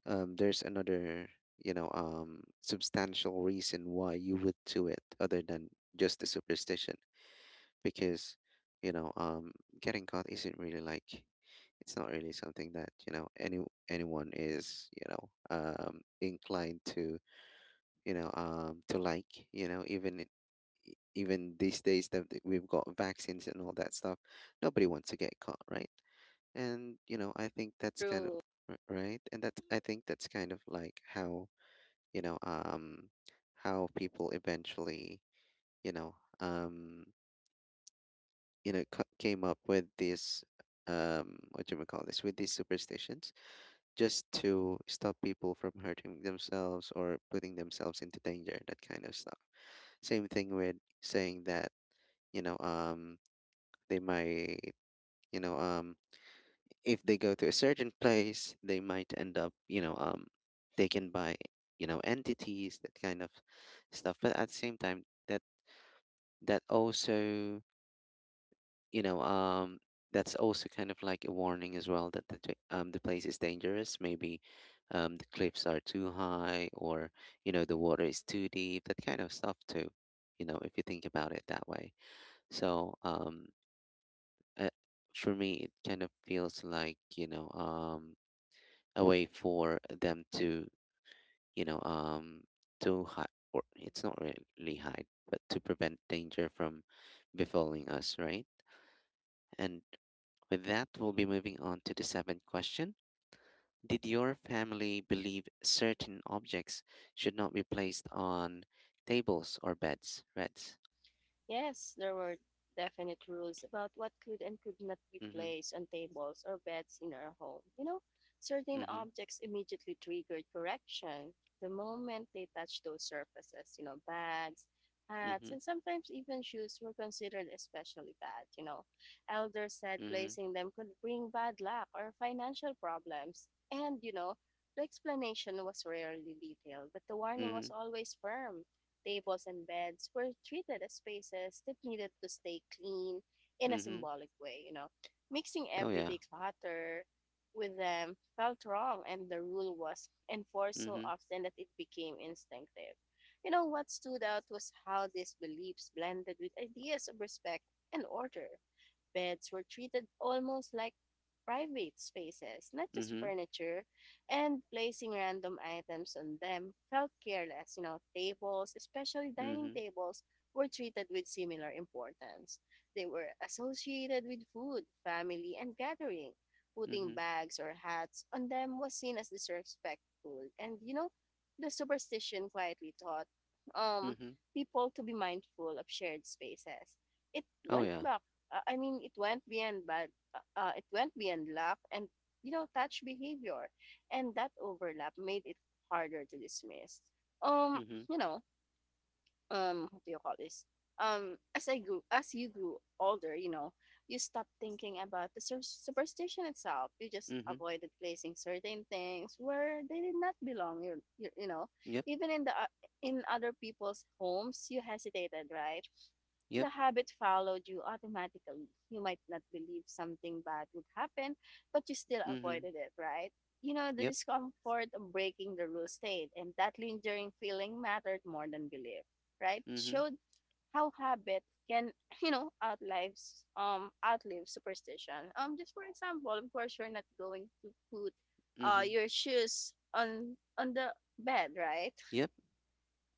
S1: um there's another, substantial reason why you would do it, other than just the superstition. Because, you know um getting caught isn't really like, it's not really something that, anyone is, inclined to, to like, even, even these days that we've got vaccines and all that stuff, nobody wants to get caught, right? And I think that's kind of,
S2: True.
S1: right. And that's, I think that's kind of like how, you know um how people eventually, you know um came up with this, what do you call this, with these superstitions, just to stop people from hurting themselves, or putting themselves into danger, that kind of stuff. Same thing with saying that, you know um they might, you know um if they go to a certain place, they might end up, taken by, entities, that kind of stuff. But at the same time, that also, you know, um, that's also kind of like a warning as well, that the the place is dangerous. Maybe the cliffs are too high, or, the water is too deep. That kind of stuff too. You know, if you think about it that way. So uh, for me, it kind of feels like, a way for them to, you know um, to hide, or it's not really hide, but to prevent danger from befalling us, right? And with that, we'll be moving on to the seventh question. Did your family believe certain objects should not be placed on tables or beds? Reds.
S2: Yes, there were definite rules about what could and could not be
S1: Mm-hmm.
S2: placed on tables or beds in our home. You know, certain
S1: Mm-hmm.
S2: objects immediately triggered correction the moment they touched those surfaces. You know, bags, hats,
S1: Mm-hmm.
S2: and sometimes even shoes were considered especially bad. You know, elders said
S1: Mm-hmm.
S2: placing them could bring bad luck or financial problems. And, you know, the explanation was rarely detailed, but the warning
S1: Mm-hmm.
S2: was always firm. Tables and beds were treated as spaces that needed to stay clean in a
S1: Mm-hmm.
S2: symbolic way, you know. Mixing
S1: Oh yeah.
S2: everyday clutter with them felt wrong, and the rule was enforced so
S1: Mm-hmm.
S2: often that it became instinctive. You know, what stood out was how these beliefs blended with ideas of respect and order. Beds were treated almost like private spaces, not just
S1: Mm-hmm.
S2: furniture, and placing random items on them felt careless. You know, tables, especially dining
S1: Mm-hmm.
S2: tables, were treated with similar importance. They were associated with food, family, and gathering. Putting
S1: Mm-hmm.
S2: bags or hats on them was seen as disrespectful, and you know, the superstition quietly taught um
S1: Mm-hmm.
S2: people to be mindful of shared spaces. It
S1: Oh
S2: went
S1: yeah.
S2: back I mean, It went beyond bad. It went beyond luck and, you know, touch behavior, and that overlap made it harder to dismiss. Um,
S1: Mm-hmm.
S2: you know, what do you call this as I grew as you grew older, you know, you stop thinking about the superstition itself. You just
S1: Mm-hmm.
S2: avoided placing certain things where they did not belong. You know,
S1: Yep.
S2: even in the in other people's homes, you hesitated, right? The
S1: Yep.
S2: habit followed you automatically. You might not believe something bad would happen, but you still
S1: Mm-hmm.
S2: avoided it, right? You know, the
S1: Yep.
S2: discomfort of breaking the rule stayed, and that lingering feeling mattered more than belief, right? It
S1: Mm-hmm.
S2: showed how habit can, you know, outlive superstition. Just for example, of course, you're not going to put
S1: Mm-hmm.
S2: your shoes on the bed, right?
S1: Yep.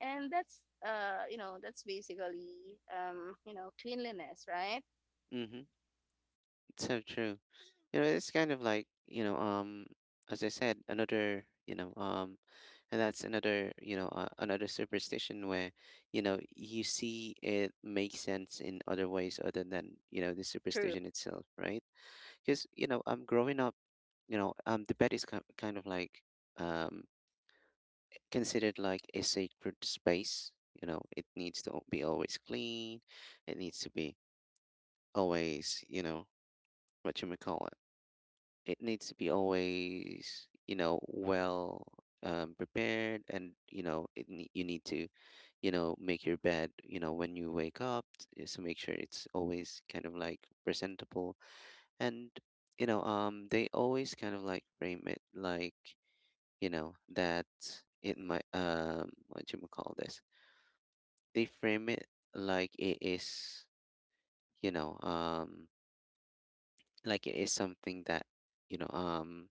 S2: And that's you know that's basically you know cleanliness, right?
S1: Mm-hmm. It's so true. You know, it's kind of like, as I said, another, and that's another, another superstition where, you see it makes sense in other ways, other than, the
S2: True.
S1: superstition itself, right? Because, I'm growing up, the bed is kind of like, um, considered like a sacred space. You know, it needs to be always clean. It needs to be always, what you may call it. It needs to be always, well, prepared. And you know it, you need to, make your bed, when you wake up, so make sure it's always kind of like presentable. And they always kind of like frame it like, that it might, what do you call this, they frame it like it is, you know um like it is something that, you know um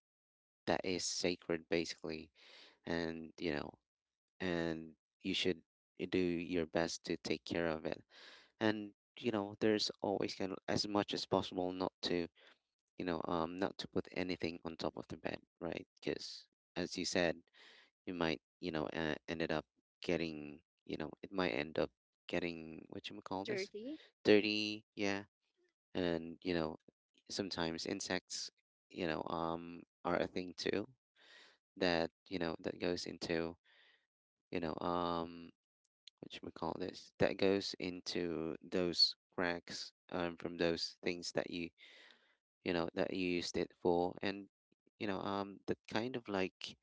S1: that is sacred, basically. And and you should do your best to take care of it. And there's always kind of, as much as possible, not to, not to put anything on top of the bed. Right, because as you said, you might, ended up getting, it might end up getting, what you call this,
S2: Dirty.
S1: dirty? Yeah. And sometimes insects, are a thing too, that, that goes into, you know um which we call this, that goes into those cracks, from those things that, you know that you used it for. And that kind of like,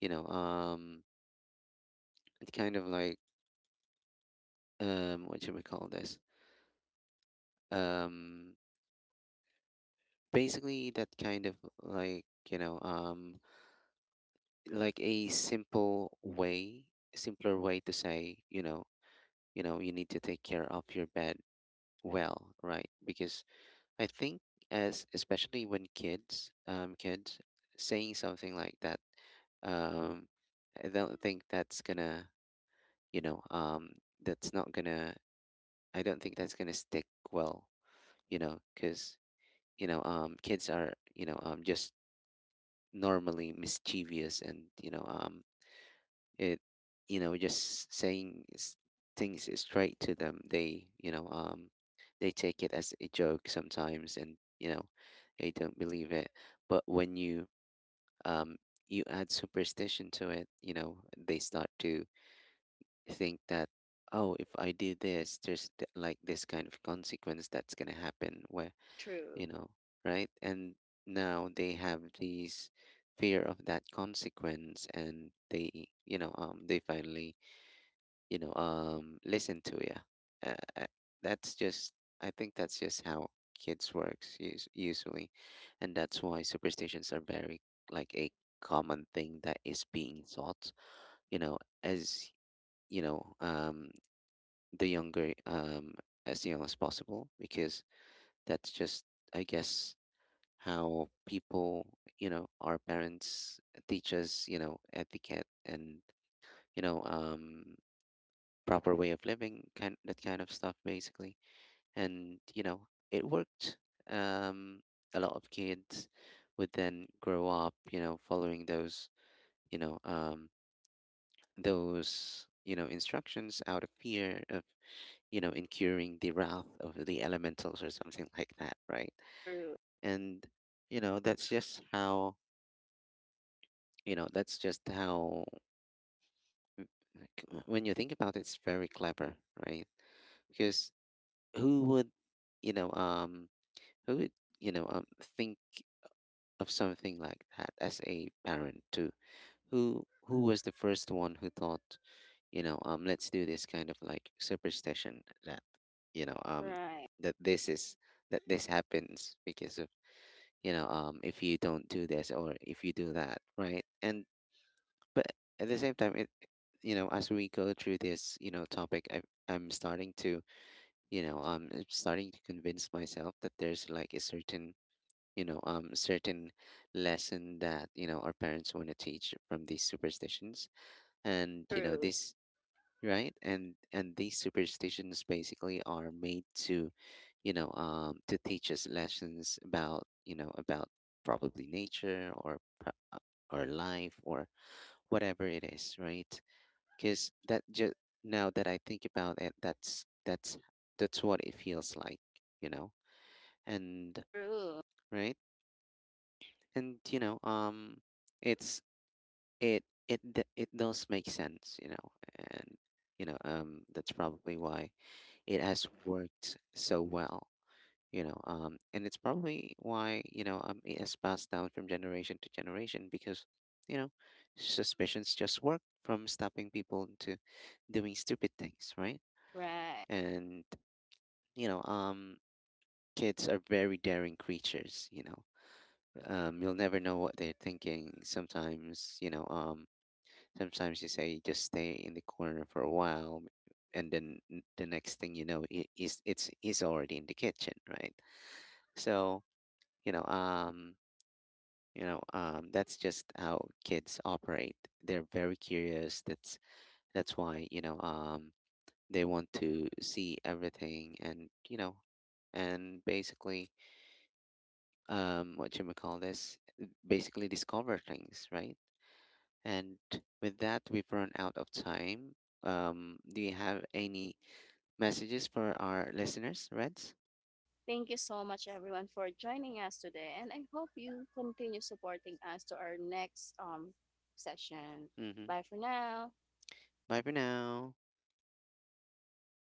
S1: you know um it kind of like, what should we call this, um basically that kind of like, you know um like a simple way simpler way to say, you know, you need to take care of your bed well. Right, because I think, as, especially when kids, kids, saying something like that, um, I don't think that's gonna, you know, um, that's not gonna. I don't think that's gonna stick well, because kids are, just normally mischievous, and it you know just saying things straight to them. They you know um they take it as a joke sometimes, and they don't believe it. But when um you add superstition to it, they start to think that, oh, if I do this, there's like this kind of consequence that's going to happen. Where,
S2: True.
S1: you know right? And now they have these fear of that consequence, and they finally listen to you. Uh, uh, that's just — I think that's just how kids works, usually. And that's why superstitions are very, like, a common thing that is being taught, as you know the younger as young as possible, because that's just, I guess, how people, our parents, teach us etiquette and you know um proper way of living, kind that kind of stuff basically. And it worked. Um, a lot of kids would then grow up, following you know, um, those instructions, out of fear of, incurring the wrath of the elementals or something like that, right?
S2: True.
S1: And that's just how. You know, that's just how. like, when you think about it, it's very clever, right? Because who would you know um who would think of something like that as a parent too. Who was the first one who thought, let's do this kind of like superstition, that you know um
S2: Right.
S1: that this is that this happens because of, if you don't do this or if you do that, right? And but at the same time, it, as we go through this topic, i'm starting to I'm starting to convince myself that there's like a certain certain lesson that our parents want to teach from these superstitions. And
S2: True.
S1: this, right? And these superstitions basically are made to you know to teach us lessons about about probably nature, or or life, or whatever it is, right? Because that just — now that I think about it, that's what it feels like, you know. And
S2: True.
S1: right, and it's it it d- it does make sense, you know. And that's probably why it has worked so well, and it's probably why it has passed down from generation to generation, because you know suspicions just work from stopping people into doing stupid things, right?
S2: Right.
S1: And you know um kids are very daring creatures. You'll never know what they're thinking sometimes. Sometimes you say just stay in the corner for a while, and then the next thing you know, I- is it's he's already in the kitchen, right? So, you know, um, that's just how kids operate. They're very curious. That's why, they want to see everything, and and basically, what you may call this, basically discover things, right? And with that, we've run out of time. Do you have any messages for our listeners, Reds?
S2: Thank you so much, everyone, for joining us today. And I hope you continue supporting us to our next session.
S1: Mm-hmm.
S2: Bye for now.
S1: Bye for now.